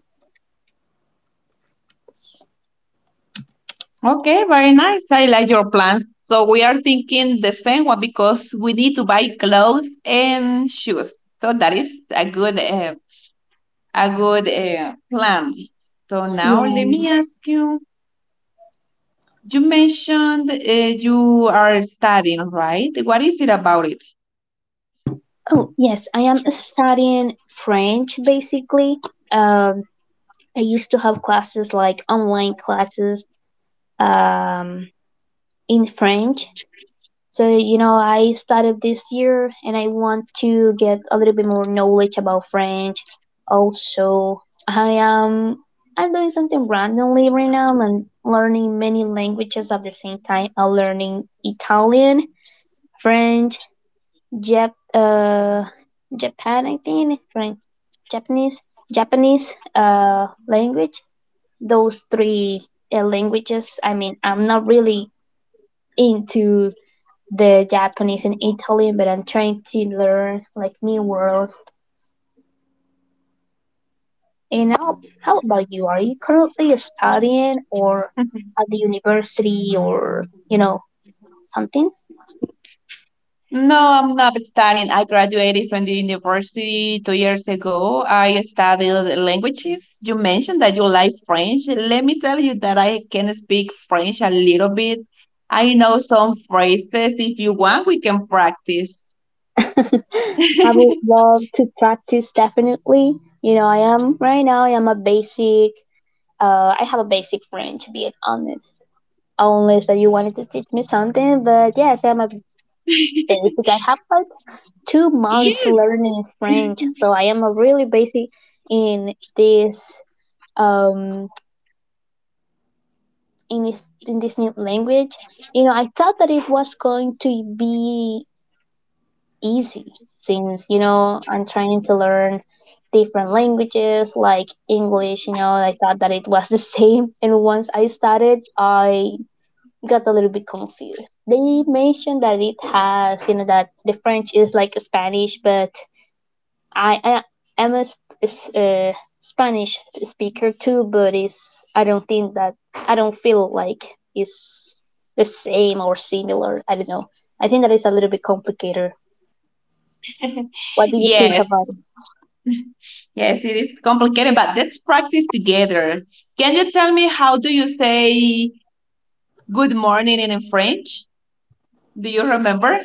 S2: Okay, very nice. I like your plans. So we are thinking the same one because we need to buy clothes and shoes. So that is a good plan. So now let
S1: Yeah.
S2: me ask you. You mentioned you are studying, right? What is it about it?
S1: Oh yes, I am studying French basically. Um, I used to have classes like online classes um in French. So, you know, I started this year and I want to get a little bit more knowledge about French. Also, I'm doing something randomly right now. I'm learning many languages at the same time. I'm learning Italian, French, Jap uh Japan, I think, French, Japanese, Japanese language. Those three languages. I mean, I'm not really into the Japanese and Italian, but I'm trying to learn like new words. And how about you? Are you currently studying or at the university, or, you know, something?
S2: No, I'm not studying. I graduated from the university 2 years ago. I studied languages. You mentioned that you like French. Let me tell you that I can speak French a little bit. I know some phrases. If you want, we can practice.
S1: I would love to practice, definitely. You know, I am a basic, I have a basic French, to be honest. Unless that you wanted to teach me something, but yes, I'm a basic. I have like 2 months
S2: Yes.
S1: learning French, so I am really basic in this um in this new language. You know, I thought that it was going to be easy since, you know, I'm trying to learn different languages like English. You know, I thought that it was the same, and once I started, I got a little bit confused. They mentioned that it has that the French is like Spanish, but I, I am uh, Spanish speaker too, but I don't think that I don't feel like it's the same or similar. I don't know. I think that is a little bit complicated. What do you think
S2: Yes,
S1: about it?
S2: yes, it is complicated, but let's practice together. Can you tell me how do you say good morning in French? Do you remember?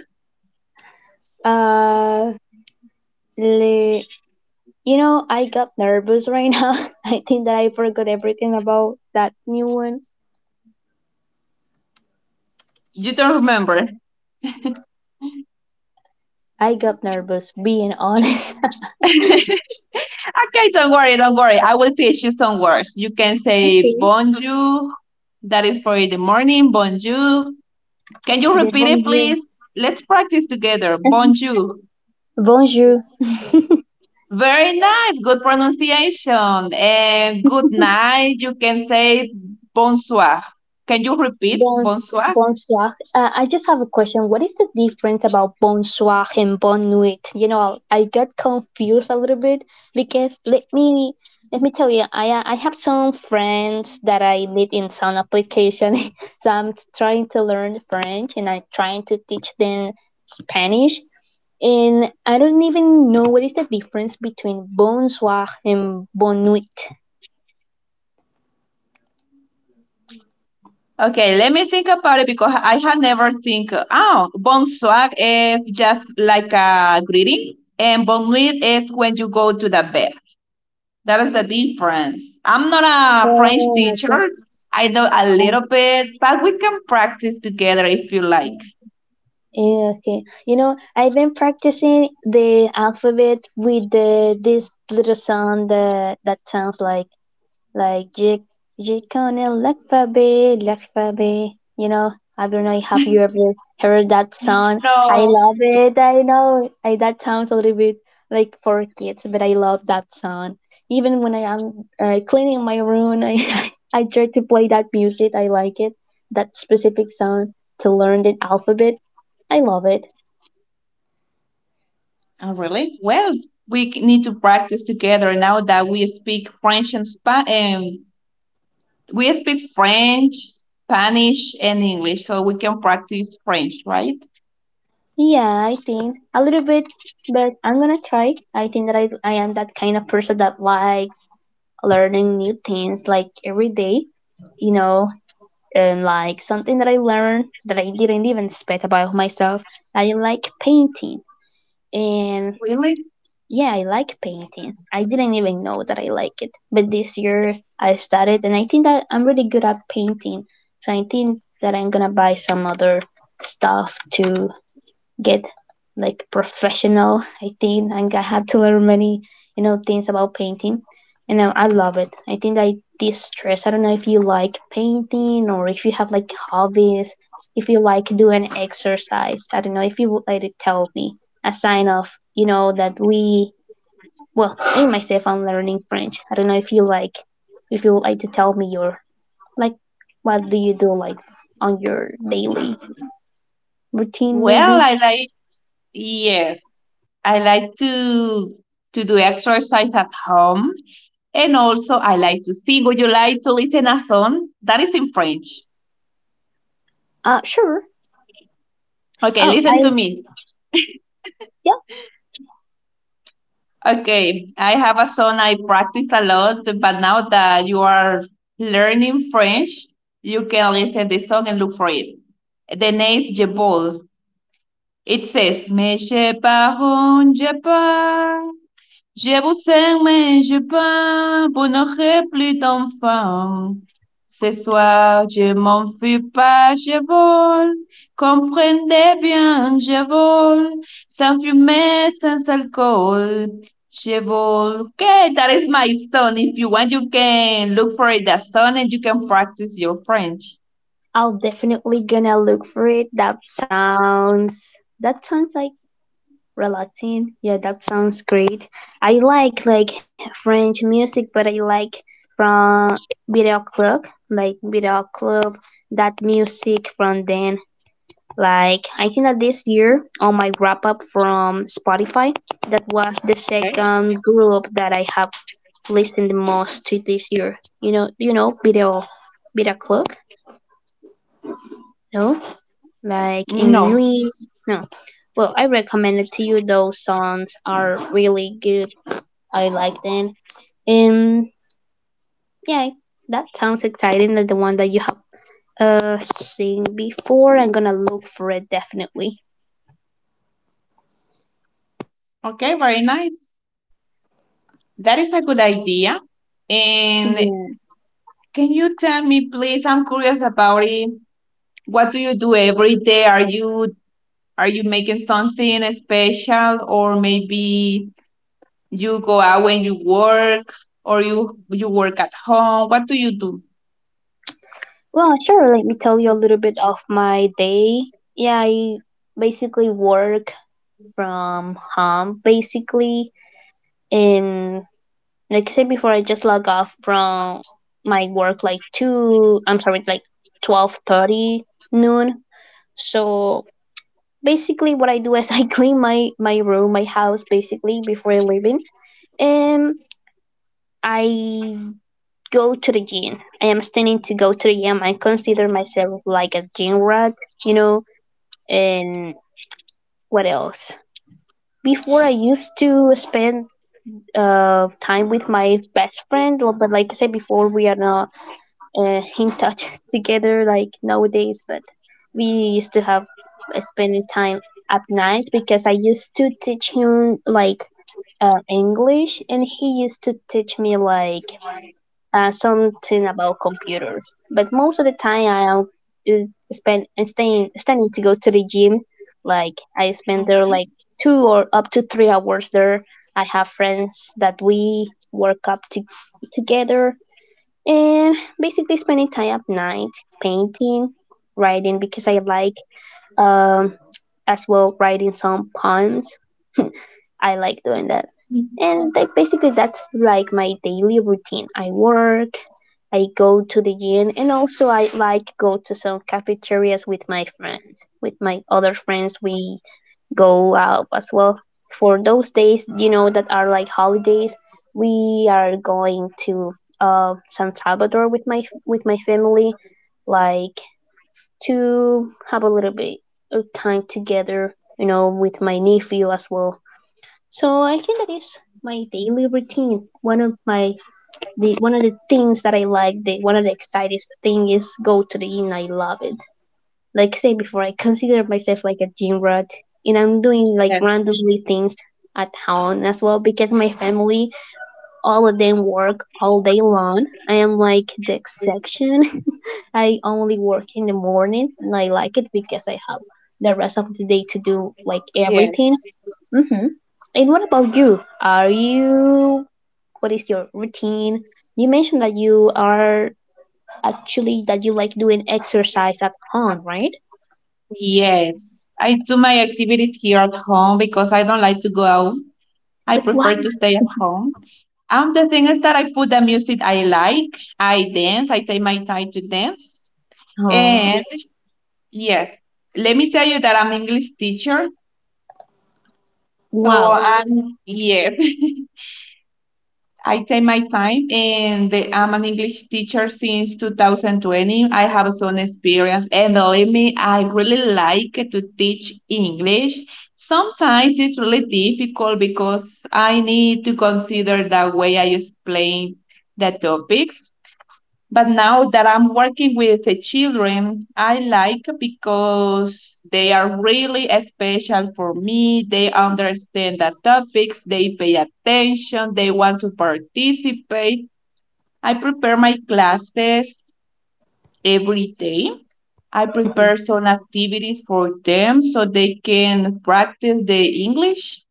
S1: Uh, le- I got nervous right now. I think that I forgot everything about that new one.
S2: You don't remember.
S1: I got nervous, being honest.
S2: Okay, don't worry, don't worry. I will teach you some words. You can say
S1: Okay.
S2: bonjour. That is for in the morning. Bonjour. Can you
S1: The
S2: repeat it,
S1: bonjour.
S2: please? Let's practice together. Bonjour.
S1: Bonjour.
S2: Very nice. Good pronunciation. And good night. You can say bonsoir. Can you repeat
S1: Bon,
S2: bonsoir?
S1: bonsoir. I just have a question. What is the difference about bonsoir and bon nuit? I got confused a little bit because let me tell you, I have some friends that I meet in some application. So I'm trying to learn French and I'm trying to teach them Spanish. And I don't even know what is the difference between bonsoir and bon nuit.
S2: Okay, let me think about it because I had never think. Oh, bonsoir is just like a greeting, and bonne nuit is when you go to the bed. That is the difference. I'm not a French
S1: Oh,
S2: teacher. I know a little bit, but we can practice together if you like.
S1: okay. Yeah, okay. I've been practicing the alphabet with the this little sound that sounds like J J Connell alphabet. Lakfabe. You know, I don't know. Have you ever heard that sound? I
S2: No.
S1: love it. I know that sounds a little bit like for kids, but I love that sound. Even when I am cleaning my room, I I try to play that music. I like it. That specific sound to learn the alphabet. I love it.
S2: Oh, really? Well, we need to practice together now that we speak French and Spanish. And we speak French, Spanish, and English, so we can practice French, right?
S1: Yeah, I think a little bit, but I'm gonna try. I think that I am that kind of person that likes learning new things like every day, you know, and like something that I learned that I didn't even expect about myself. I like painting, and
S2: Really?
S1: yeah, I like painting. I didn't even know that I like it, but this year I started, and I think that I'm really good at painting. So I think that I'm gonna buy some other stuff to get like professional, I think. And I have to learn many things about painting, and I love it. I think I de-stress. I don't know if you like painting or if you have like hobbies, if you like doing exercise. I don't know if you would like to tell me a sign of that we, well, in myself I'm learning French. I don't know if you like, if you would like to tell me your, like, what do you do, like, on your daily routine, maybe.
S2: Well, I like yes, I like to do exercise at home. And also, I like to sing. Would you like to listen a song? That is in French.
S1: Sure.
S2: Okay,
S1: Oh
S2: listen
S1: i.
S2: to me.
S1: Yep,
S2: Okay, I have a song I practice a lot, but now that you are learning French, you can listen the song and look for it. The name is Je Ball. It says, Mais je pars, je pars, Je vous aime mais je peins, vous n'aurez plus d'enfants. Ce soir, je m'enfuis pas, je vole. Comprenez bien, je vole. Sans fumée, sans alcool. Je vole. Okay, that is my song. If you want, you can look for it, that song, and you can practice your French.
S1: I'll definitely gonna look for it. That sounds like relaxing. Yeah, that sounds great. I like French music, but I like from video club, like video club, that music from then. Like I think that this year on my wrap up from Spotify, that was the second group that I have listened the most to this year. Video club. No. Like in
S2: No.
S1: Nui. No, well, I recommend it to you. Those songs are really good. I like them, and yeah, that sounds exciting. Like the one that you have seen before. I'm gonna look for it definitely.
S2: Okay, very nice. That is a good idea. And
S1: Yeah.
S2: can you tell me, please? I'm curious about it. What do you do every day? Are you making something special or maybe you go out when you work or you work at home? What do you do?
S1: Well, sure. Let me tell you a little bit of my day. Yeah, I basically work from home basically, and like I said before, I just log off from my work like two. I'm sorry, like 12:30 noon. So basically, what I do is I clean my room, my house, basically before I leave in, and I go to the gym. I am standing to go to the gym. I consider myself like a gym rat, you know. And what else? Before I used to spend time with my best friend. But like I said before, we are not in touch together like nowadays. But we used to have spending time at night because I used to teach him like English, and he used to teach me like something about computers. But most of the time, I am is spend staying standing to go to the gym. Like I spend there like 2 or up to 3 hours there. I have friends that we work up to, together, and basically spending time at night painting, writing because I like um as well writing some poems. I like doing that. And like basically that's like my daily routine. I work, I go to the gym, and also I like go to some cafeterias with my friends. With my other friends, we go out as well. For those days, that are like holidays, we are going to San Salvador with my family, like to have a little bit of time together. With my nephew as well. So I think that is my daily routine. One of my the one of the things that I like, the one of the exciting thing is go to the gym. I love it. Like I said before, I consider myself like a gym rat, and I'm doing like
S2: Yes,
S1: randomly things at home as well because my family, all of them, work all day long. I am like the exception. I only work in the morning and I like it because I have the rest of the day to do like
S2: yes,
S1: everything. Mm-hmm. And what about you? What is your routine? You mentioned that you are actually that you like doing exercise at home, right?
S2: yes. I do my activities here at home because I don't like to go out. I
S1: But wow,
S2: prefer to stay at home. The thing is that I put the music I like. I dance. I take my time to dance.
S1: oh,
S2: And yes, let me tell you that I'm English teacher. So
S1: wow,
S2: I'm yeah, I take my time, and I'm an English teacher since 2020. I have some experience, and believe me, I really like to teach English. Sometimes it's really difficult because I need to consider the way I explain the topics. But now that I'm working with the children, I like because they are really special for me. They understand the topics, they pay attention, they want to participate. I prepare my classes every day. I prepare some activities for them so they can practice the English.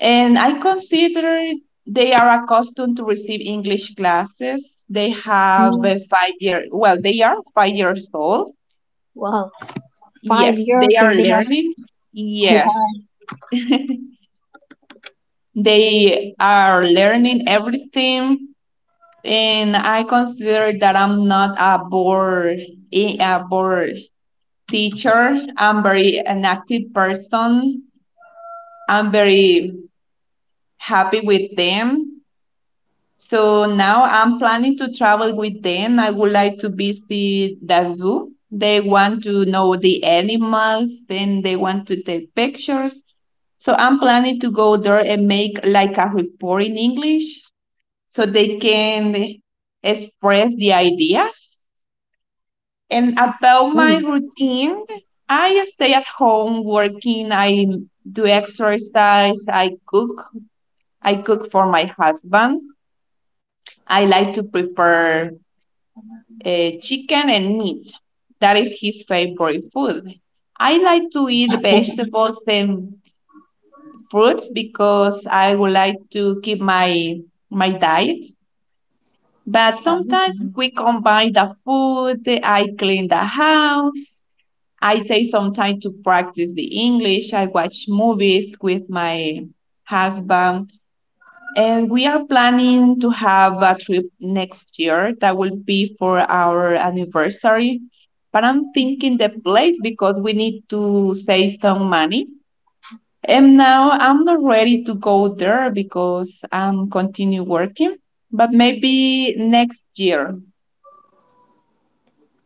S2: And I consider they are accustomed to receive English classes. They have
S1: mhm,
S2: well, they are 5 years old.
S1: wow, five
S2: Yes, they
S1: years
S2: are
S1: in this.
S2: learning. Yes,
S1: Wow.
S2: they are learning everything. And I consider that I'm not a bored teacher. I'm very an active person. I'm very happy with them. So now I'm planning to travel with them. I would like to visit the zoo. They want to know the animals, then they want to take pictures. So I'm planning to go there and make like a report in English so they can express the ideas. And about my routine, I stay at home working. I do exercise. I cook. I cook for my husband. I like to prepare chicken and meat. That is his favorite food. I like to eat vegetables and fruits because I would like to keep my diet. But sometimes
S1: Mm.
S2: we combine the food, I clean the house, I take some time to practice the English, I watch movies with my husband. And we are planning to have a trip next year that will be for our anniversary. But I'm thinking the place because we need to save some money. And now I'm not ready to go there because I'm continue working. But maybe next year.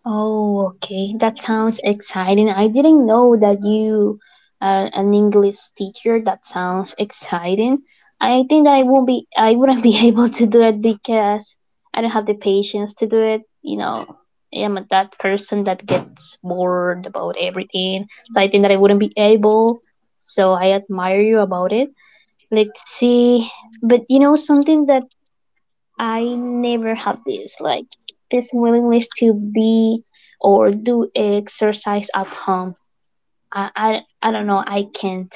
S1: Oh, okay. That sounds exciting. I didn't know that you are an English teacher. That sounds exciting. I think that I wouldn't be able to do it because I don't have the patience to do it. I am that person that gets bored about everything. So I think that I wouldn't be able. So I admire you about it. Let's see. But you know something that I never have this willingness to be or do exercise at home. I don't know. I can't.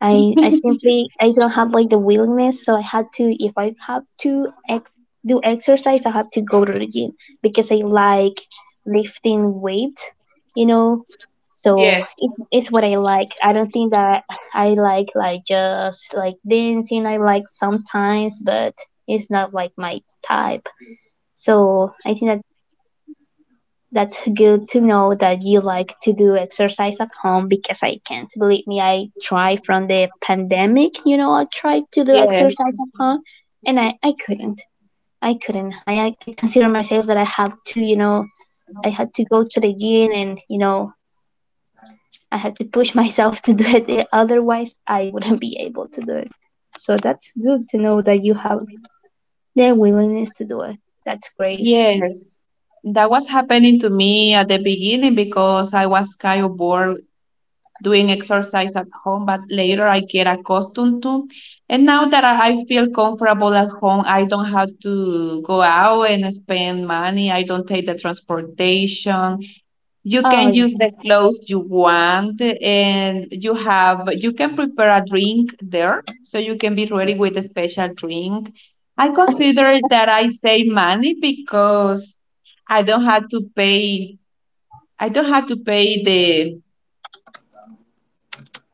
S1: I simply I don't have like the willingness, so I had to if I have to do exercise, I have to go to the gym because I like lifting weight, you know. So
S2: Yes,
S1: it's what I like. I don't think that I like just like dancing. I like sometimes, but it's not like my type. So I think that's good to know that you like to do exercise at home because I can't, believe me. I try from the pandemic, I tried to do
S2: yes,
S1: exercise at home and I couldn't. I couldn't. I consider myself that I have to, I had to go to the gym and I had to push myself to do it. Otherwise, I wouldn't be able to do it. So that's good to know that you have the willingness to do it. That's great.
S2: yes. That was happening to me at the beginning because I was kind of bored doing exercise at home, but later I get accustomed to. And now that I feel comfortable at home, I don't have to go out and spend money. I don't take the transportation. You
S1: Oh,
S2: can use the
S1: yes.
S2: clothes you want, and you can prepare a drink there, so you can be ready with a special drink. I consider that I save money because I don't have to pay. I don't have to pay the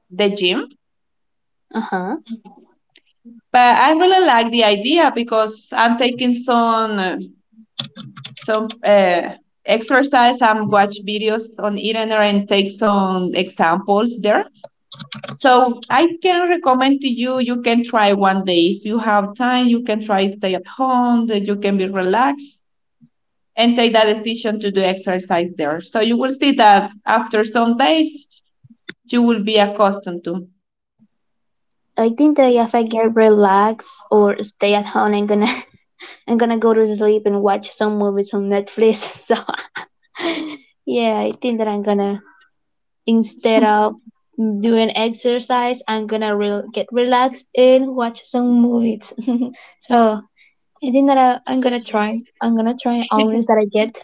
S2: the gym.
S1: Uh huh.
S2: But I really like the idea because I'm taking some exercise. I'm watch videos on internet and take some examples there. So I can recommend to you. You can try one day if you have time. You can try stay at home. That you can be relaxed and take that decision to do exercise there. So you will see that after some days you will be accustomed to.
S1: I think that if I get relaxed or stay at home, I'm gonna I'm gonna go to sleep and watch some movies on Netflix. so yeah, I think that I'm gonna instead of doing exercise, I'm gonna get relaxed and watch some movies. So I think that I'm gonna try. I'm gonna try all this that I get.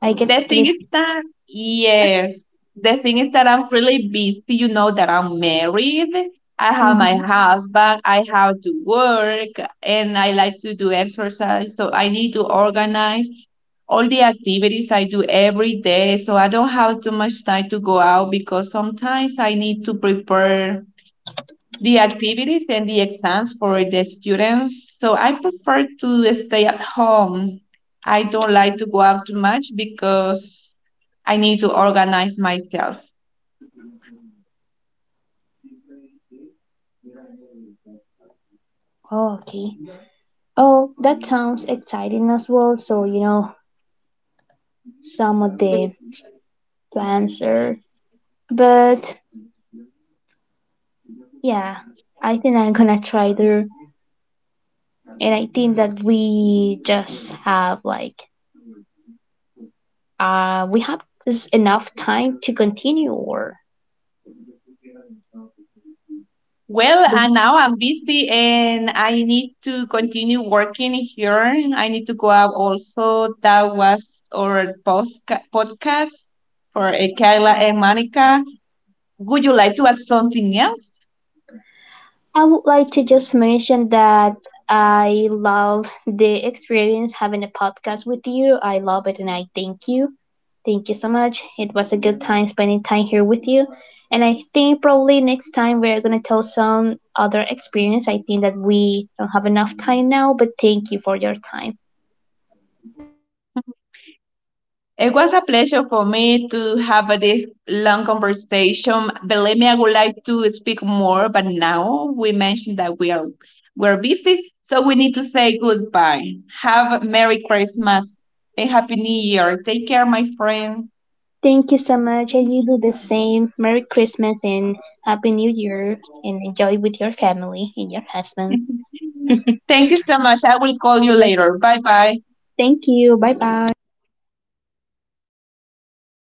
S1: I get
S2: The thing
S1: sleep.
S2: is that, yes, the thing is that I'm really busy. You know that I'm married. I have my
S1: Mhm.
S2: husband. I have to work and I like to do exercise. So I need to organize all the activities I do every day. So I don't have too much time to go out because sometimes I need to prepare the activities and the exams for the students. So I prefer to stay at home. I don't like to go out too much because I need to organize myself.
S1: Oh, okay. Oh, that sounds exciting as well. So you know some of the plans are, but yeah, I think I'm gonna try there. And I think that we just have we have this enough time to continue or
S2: Well,
S1: do.
S2: and now I'm busy and I need to continue working here. I need to go out also. That was our podcast for Kayla and Monica. Would you like to add something else?
S1: I would like to just mention that I love the experience having a podcast with you. I love it and I thank you. Thank you so much. It was a good time spending time here with you. And I think probably next time we're going to tell some other experience. I think that we don't have enough time now, but thank you for your time.
S2: It was a pleasure for me to have this long conversation. Believe me, I would like to speak more, but now we mentioned that we're busy, so we need to say goodbye. Have a Merry Christmas and Happy New Year. Take care, my friend.
S1: Thank you so much. And you do the same. Merry Christmas and Happy New Year. And enjoy with your family and your husband.
S2: Thank you
S1: It
S2: so much. I will call you later.
S1: was.
S2: Bye bye.
S1: Thank you. Bye bye.